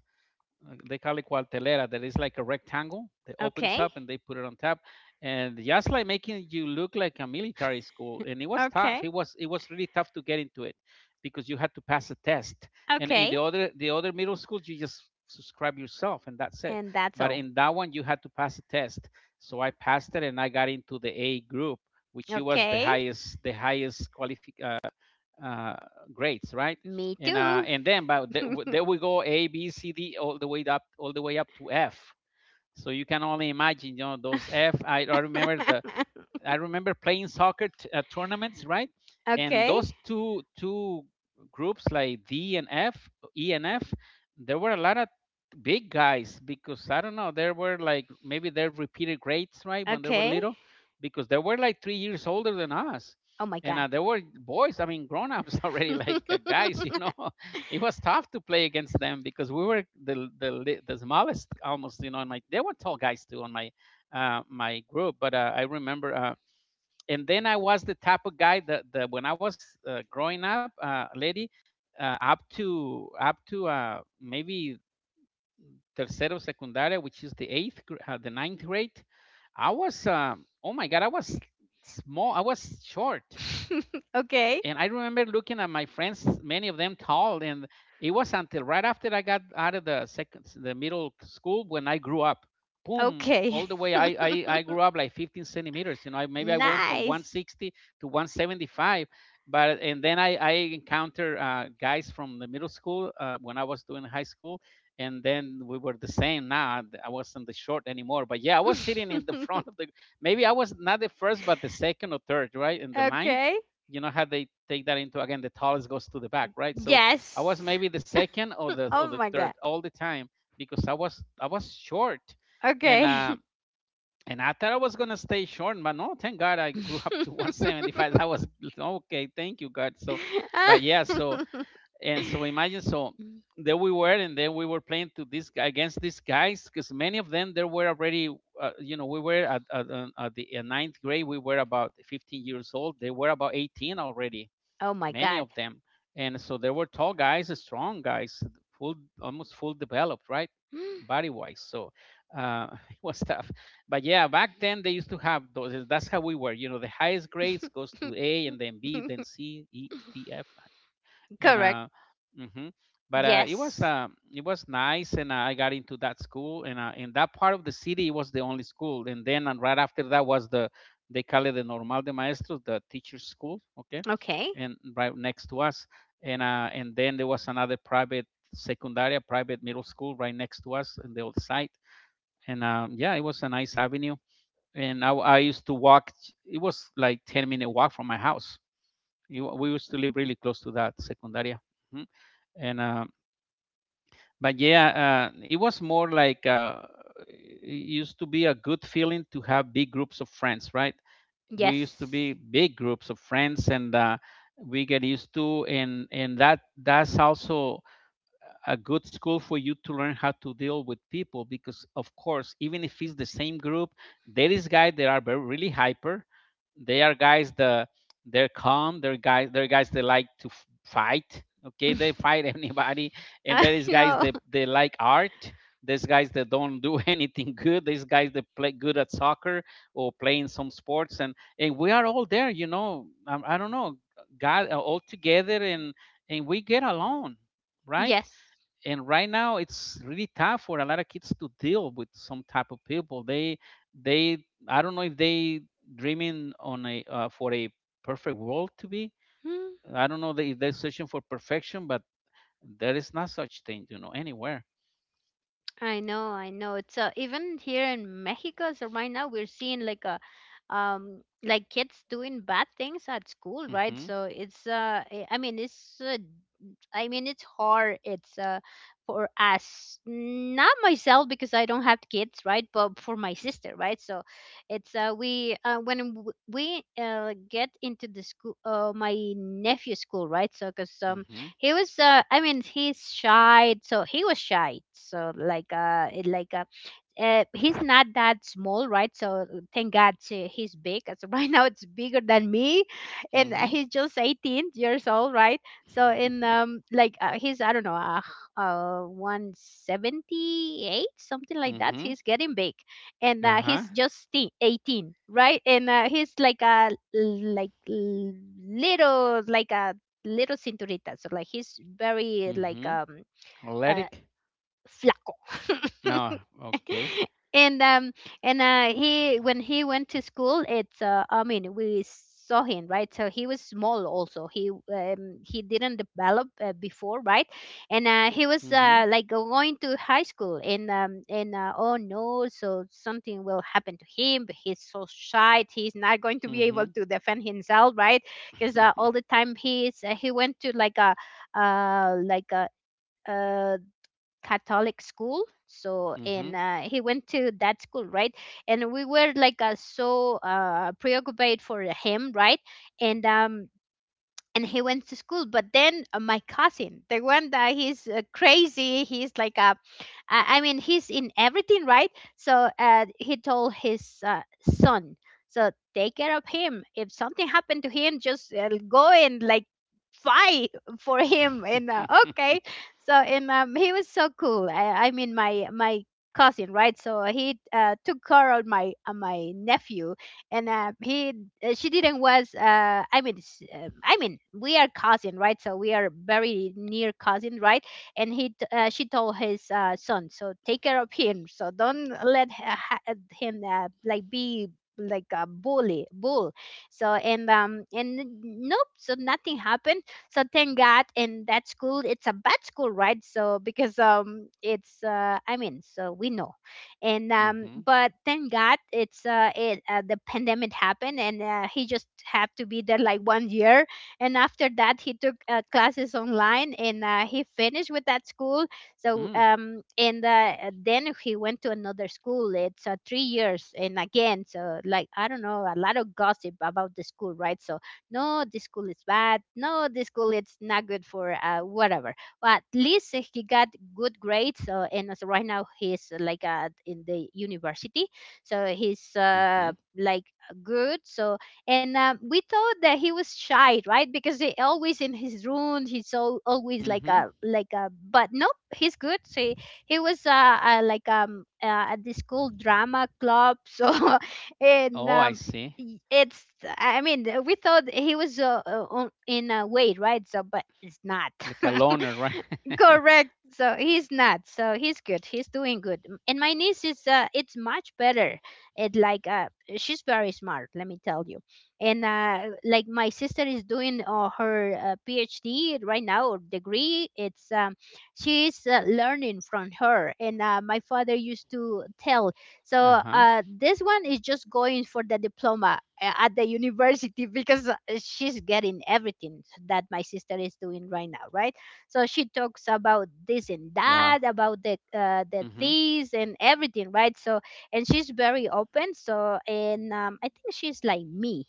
They call it cuartelera. That is like a rectangle. They opens
okay,
up and they put it on top, and just like making you look like a military school. And it was
okay,
tough. It was really tough to get into it because you had to pass a test. And in
okay,
the other middle schools, you just subscribe yourself and that's it.
and that's
But
all.
in that one, you had to pass a test. So I passed it and I got into the A group, which was the
Okay.
highest the highest qualific uh, grades, right?
Me too.
And then but th- There we go A, B, C, D, all the way up to F, so you can only imagine, those F. I remember playing soccer tournaments, right? And
Okay.
those two groups, like D and F, E and F, there were a lot of big guys because I don't know, there were like maybe they're repeated grades, right? When they were
Okay.
little, because they were like 3 years older than us.
Oh my
And
god.
uh, there were boys, I mean, grown ups already, like guys. It was tough to play against them because we were the smallest almost. And my They were tall guys too on my group, but I remember and then I was the type of guy that when I was growing up, lady, up to maybe tercero secundaria, which is the eighth, the ninth grade. I was oh my god, I was small, I was short,
Okay.
and I remember looking at my friends, many of them tall, and it was until right after I got out of the second, the middle school when I grew up. Boom,
Okay.
all the way I, I, I grew up like 15 centimeters. You know, maybe I went from
Nice.
160 to 175, but and then I encountered guys from the middle school when I was doing high school, and then we were the same. Now I wasn't the short anymore, but yeah, I was sitting in the front of the. Maybe I was not the first, but the second or third, right in the line.
Okay.
You know how they take that, into again the tallest goes to the back, right? So I was
Yes.
maybe the second or the or
Oh
the
my
third
god.
all the time because I was short. and
Okay.
uh and I thought I was gonna stay short, but no, thank god, I grew up to 175. That was okay. Thank you, god. So, but yeah, so and so imagine, so there we were, and then we were playing to against these guys because many of them they were already, we were at the ninth grade. We were about 15 years old, they were about 18 already,
Oh my
many
god.
of them. And so they were tall guys, strong guys, full almost full developed, right? Body wise. So it was tough. But yeah, back then they used to have those. That's how we were. You know, the highest grades goes to A and then B, then C, E, D, F, and
Correct.
uh hmm but it was
Yes.
uh it was nice, and I got into that school, and in that part of the city it was the only school, and right after that was the they call it the normal de maestros, the teachers school. Okay,
Okay.
and right next to us, and then there was another private secundaria, private middle school, right next to us on the old site, and yeah, it was a nice avenue, and I used to walk. It was like 10-minute walk from my house. We used to live really close to that secundaria. Mm-hmm. and But yeah, it was more like, it used to be a good feeling to have big groups of friends, right? We used to
Yes.
be big groups of friends, and we get used to, and that's also a good school for you to learn how to deal with people, because of course, even if it's the same group, there is guys that are very, really hyper, they are guys that they're calm, they're guys that like to fight. Okay, they fight anybody. And
I
there is guys
know.
that they like art. There's guys that don't do anything good. There's guys that play good at soccer or playing some sports, and we are all there, I don't know, god, all together, and we get along, right?
Yes.
And right now it's really tough for a lot of kids to deal with some type of people. They, I don't know if they dreaming on a for a perfect world to be.
Hmm.
I don't know that if they're searching for perfection, but there is not such thing, anywhere.
I know, I know. So even here in Mexico, so right now we're seeing like a like kids doing bad things at school, right?
Mm-hmm.
So it's I mean it's I mean it's hard. It's for us, not myself, because I don't have kids, right? But for my sister, right? So it's we when we get into the school, my nephew's school, right? So because
Mm-hmm.
he was I mean he's shy, so he was shy, so he's not that small, right? So thank God, he's big. So right now it's bigger than me, and
Mm-hmm.
he's just 18 years old, right? So in he's. I don't know, 178 something like that.
Mm-hmm.
He's getting big, and
Uh-huh.
he's just 18, right? And he's like a little, like a little cinturita. So like he's very like.
Mm-hmm.
Uh
Athletic.
Flaco.
Oh, okay.
and um and he when he went to school, it's I mean, we saw him, right? So he was small also. He didn't develop before, right? And he was
Mm-hmm.
going to high school, and oh no, so something will happen to him, but he's so shy, he's not going to be
Mm-hmm.
able to defend himself, right? Because all the time he went to like a uh like a uh Catholic school. So,
Mm-hmm.
and he went to that school, right? And we were like so preoccupied for him, right? And um, and he went to school, but then my cousin, the one that he's crazy, he's like a. I mean, he's in everything, right? So he told his son, so take care of him, if something happened to him, just go and like fight for him, and okay. So and he was so cool. I mean, my cousin, right? So he took care of my my nephew, and he she didn't was, I mean, I mean, we are cousin, right? So we are very near cousin, right? And she told his son, so take care of him, so don't let him like be like a bully bull. And nope, so nothing happened. So thank god. And that school, it's a bad school, right? So because it's I mean, so we know. and um
Mm-hmm.
but thank god, it's it the pandemic happened, and he just had to be there like one year, and after that he took classes online, and he finished with that school. So and Then he went to another school, it's 3 years. And again, so like, I don't know, a lot of gossip about the school, right? So no, this school is bad, no, this school, it's not good for whatever. But at least he got good grades, and also right now he's in the university. So he's
Mm-hmm.
good, so. And we thought that he was shy, right? Because he always in his room, he's so always like
Mm-hmm.
a but nope, he's good. So he was at the school drama club, so and
Oh, I see.
it's I mean, we thought he was in a way, right? So but it's not.
Like a loner, right?
Correct. So he's not. So he's good. He's doing good. And my niece is it's much better. It like She's very smart, let me tell you. And like, my sister is doing her PhD right now, or degree. It's she's learning from her. And
Uh-huh.
my father used to tell. So this one is just going for the diploma at the university because she's getting everything that my sister is doing right now, right?
Wow.
So she talks about this
Mm-hmm.
and that, about the this and everything, right? So and she's very open. So and I think she's like me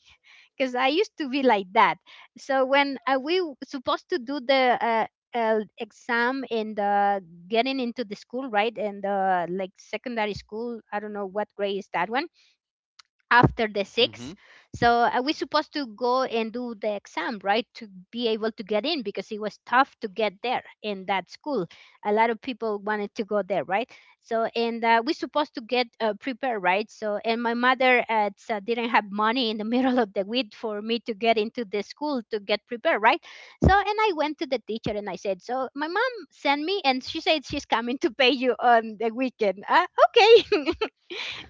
because I used to be like that. So when supposed to do the exam in the getting into the school, right? And the like secondary school, I don't know what grade is that one
Mm-hmm.
after the six, so we supposed to go and do the exam, right, to be able to get in because it was tough to get there in that school. A lot of people wanted to go there, right? So and we supposed to get prepared, right? So and my mother didn't have money in the middle of the week for me to get into the school to get prepared, right? So and I went to the teacher and I said, so my mom sent me and she said she's coming to pay you on the weekend, okay.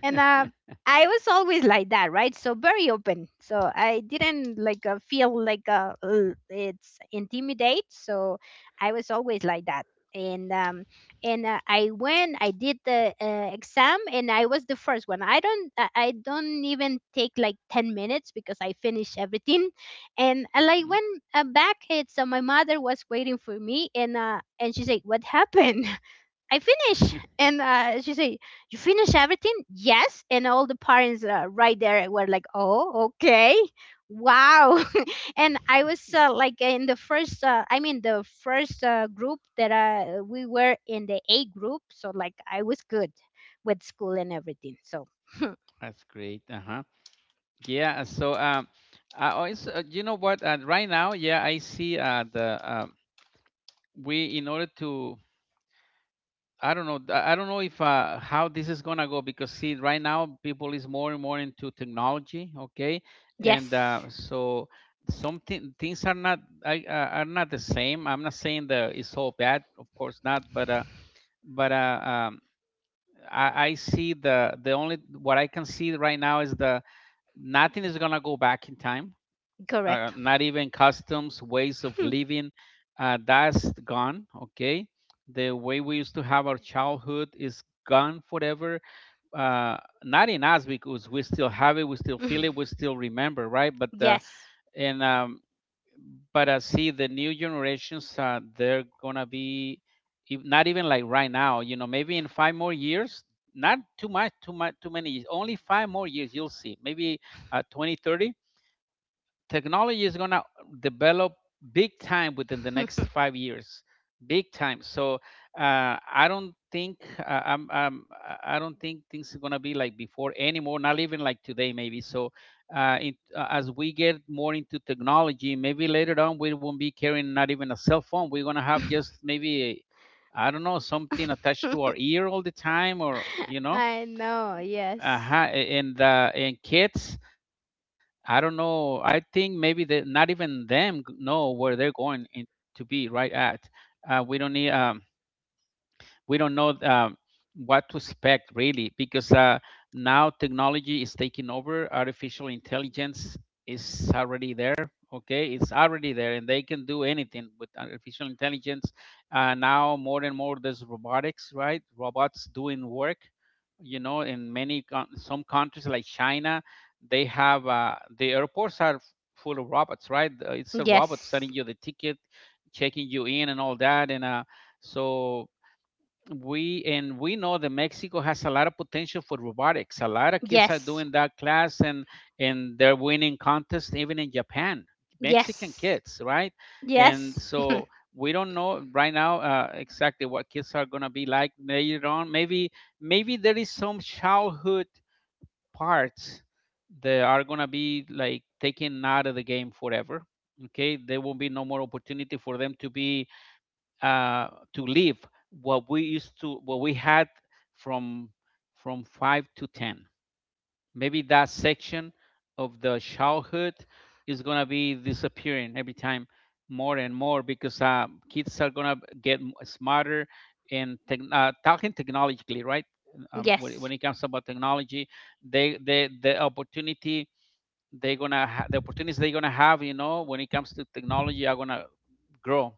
And, I was always like that, right? So very open. So I didn't like feel like "Ugh, it's intimidate." So I was always like that. And um, and I went, I did the exam, and I was the first one. I don't even take like 10 minutes because I finish everything. And I like
Hmm.
when back, it's my mother was waiting for me, and she said, "What happened?" I finish. And she say, you finish everything? Yes. And all the parents right there were like, oh, okay. Wow. And I was like in the first, the first group that we were in the A group. So like I was good with school and everything. So
That's great. Uh-huh. Yeah. So, I always, you know what? Right now, yeah, I see, the we, in order to, I don't know. I don't know if, how this is gonna go, because see, right now people is more and more into technology, okay, and
yes,
so something things are not, I, uh, are not the same. I'm not saying that it's all bad, of course not, but but uh, um, I see the only, what I can see right now is the nothing is gonna go back in time,
correct.
not even customs, ways of living. That's gone. Okay, the way we used to have our childhood is gone forever. Uh, Not in us because we still have it, we still feel it, we still remember, right?
Yes.
And um, but I see the new generations, they're gonna be, not even like right now. Maybe in 5 more years. Not too much, too much, too many years. Only 5 more years, you'll see. Maybe 20, 30, technology is going to develop big time within the next 5 years, big time. So uh, I don't think I'm, I don't think things are going to be like before anymore, not even like today maybe. So as we get more into technology, maybe later on we won't be carrying not even a cell phone. We're going to have just maybe, I don't know, something attached to our ear all the time, or you know.
I know. Yes.
Uh-huh. And kids, I don't know. I think maybe they not even them know where they're going in, to be right at. We don't need we don't know, what to expect really, because now technology is taking over. Artificial intelligence is already there. Okay, it's already there, and they can do anything with artificial intelligence. Now more and more, there's robotics, right? Robots doing work, in many some countries like China. They have, the airports are full of robots, right? It's a robot
Yes.
selling you the ticket, checking you in and all that, and so we know that Mexico has a lot of potential for robotics. A lot of kids are
Yes.
doing that class, and they're winning contests even in Japan. Mexican
Yes.
kids, right? And
Yes.
so we don't know right now, exactly what kids are gonna be like later on. Maybe there is some childhood parts that are gonna be like taken out of the game forever. Okay, there will be no more opportunity for them to be, to live what we used to, what we had, from 5 to 10. Maybe that section of the childhood is gonna be disappearing every time more and more because kids are gonna get smarter and, tech talking technologically, right? When
Yes.
it comes about technology, they, the opportunities they're gonna have, when it comes to technology, are gonna grow,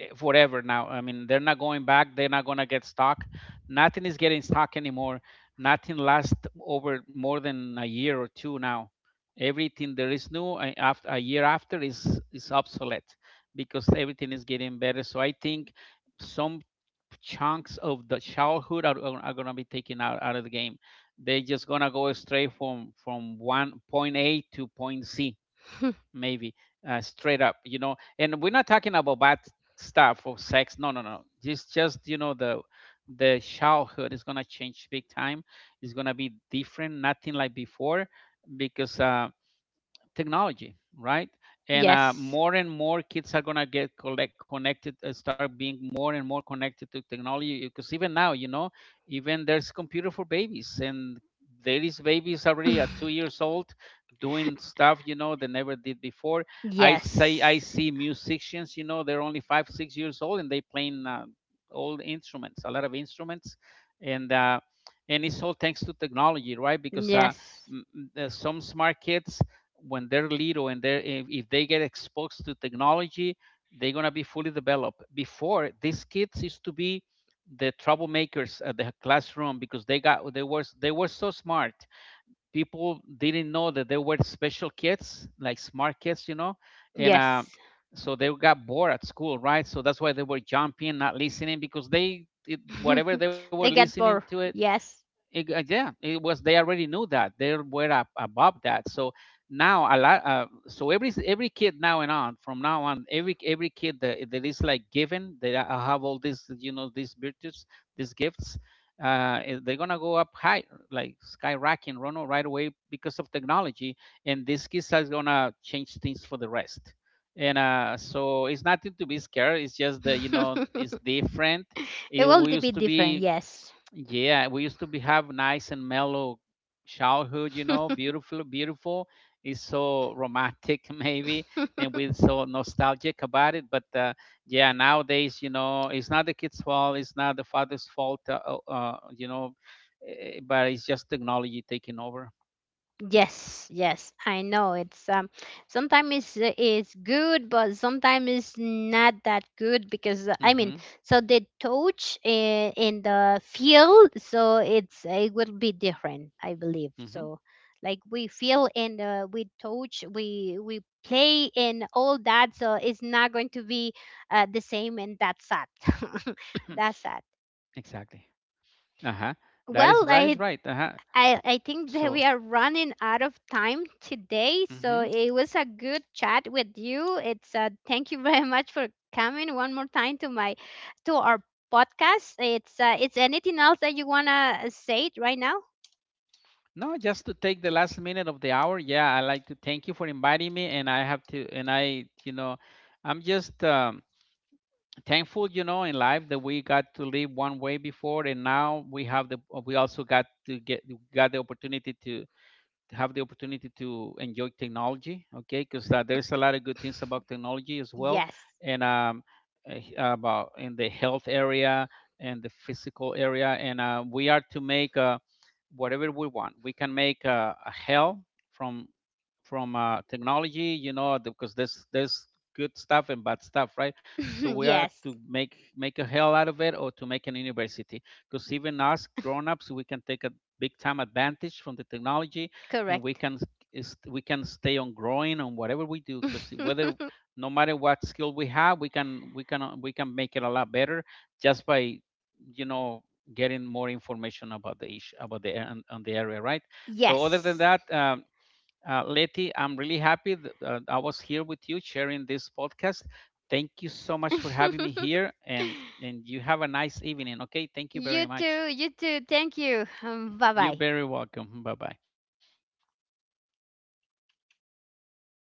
forever now. I mean, they're not going back. They're not going to get stuck. Nothing is getting stuck anymore. Nothing lasts over more than a year or two now. Everything there is new after a year after is obsolete because everything is getting better. So I think some chunks of the childhood are going to be taken out of the game. They're just going to go straight from one point A to point C maybe straight up and we're not talking about bad stuff or sex, no, no, no, just the childhood is going to change big time. It's going to be different, nothing like before, because technology, right? And
Yes.
more and more kids are gonna get collect connected, start being more and more connected to technology. Because even now, even there's computer for babies, and there is babies already at two years old doing stuff. They never did before. I say I
Yes.
see musicians, they're only 5 6 years old and they playing old instruments, a lot of instruments, and it's all thanks to technology, right? Because
Yes.
some smart kids when they're little and they're if they get exposed to technology, they're going to be fully developed. Before, these kids used to be the troublemakers at the classroom because they were so smart, people didn't know that they were special kids, like smart kids. And
Yes.
so they got bored at school, right, so that's why they were jumping, not listening, because whatever they were
They get
listening to
bored.
it
Yes.
it, uh, Yeah, it was. They already knew that they were up above that. So now a lot. So every kid now and on, from now on, every kid that is like given, they have all these, these virtues, these gifts. They're gonna go up high, like skyrocketing, Rono, right away because of technology, and this kids is gonna change things for the rest. And so it's nothing to be scared. It's just that it's different.
It
It,
will
we
be
used to
different.
be
Yes.
Yeah, we used to be have nice and mellow childhood, beautiful, beautiful. It's so romantic maybe, and we're so nostalgic about it. But yeah, nowadays, it's not the kid's fault, it's not the father's fault, but it's just technology taking over.
Yes, yes, I know. It's sometimes it's good, but sometimes it's not that good because I mean,
Mm-hmm.
so the touch in the field, so it's it will be different, I believe.
Mm-hmm.
So like we feel and we touch, we play and all that, so it's not going to be the same, and that's sad. That's sad.
Exactly. Uh-huh. That is right.
Well,
Is
I
right. Uh-huh.
I, I think that
So.
we are running out of time today. So
Mm-hmm.
it was a good chat with you. It's thank you very much for coming one more time to my to our podcast. It's anything else that you wanna say it right now?
No, just to take the last minute of the hour. Yeah, I like to thank you for inviting me, and I have to, and I, you know, I'm just thankful, in life that we got to live one way before, and now we also got the opportunity to enjoy technology. Okay, because there's a lot of good things about technology as well,
Yes,
and about in the health area and the physical area, and we are to make whatever we want. We can make a hell from technology, because there's good stuff and bad stuff, right. So we are
yes,
to make a hell out of it or to make an university, because even us grown-ups, we can take a big time advantage from the technology, and we
correct.
can we can stay on growing on whatever we do, because whether, no matter what skill we have, we can make it a lot better just by you know getting more information about the issue, about on the area, right. So other than
Yes.
that, Letty, I'm really happy that I was here with you sharing this podcast. Thank you so much for having me here, and you have a nice evening. Okay, thank you
You
very
too.
much.
You too. Thank you. Bye
You're
bye.
very welcome. Bye bye.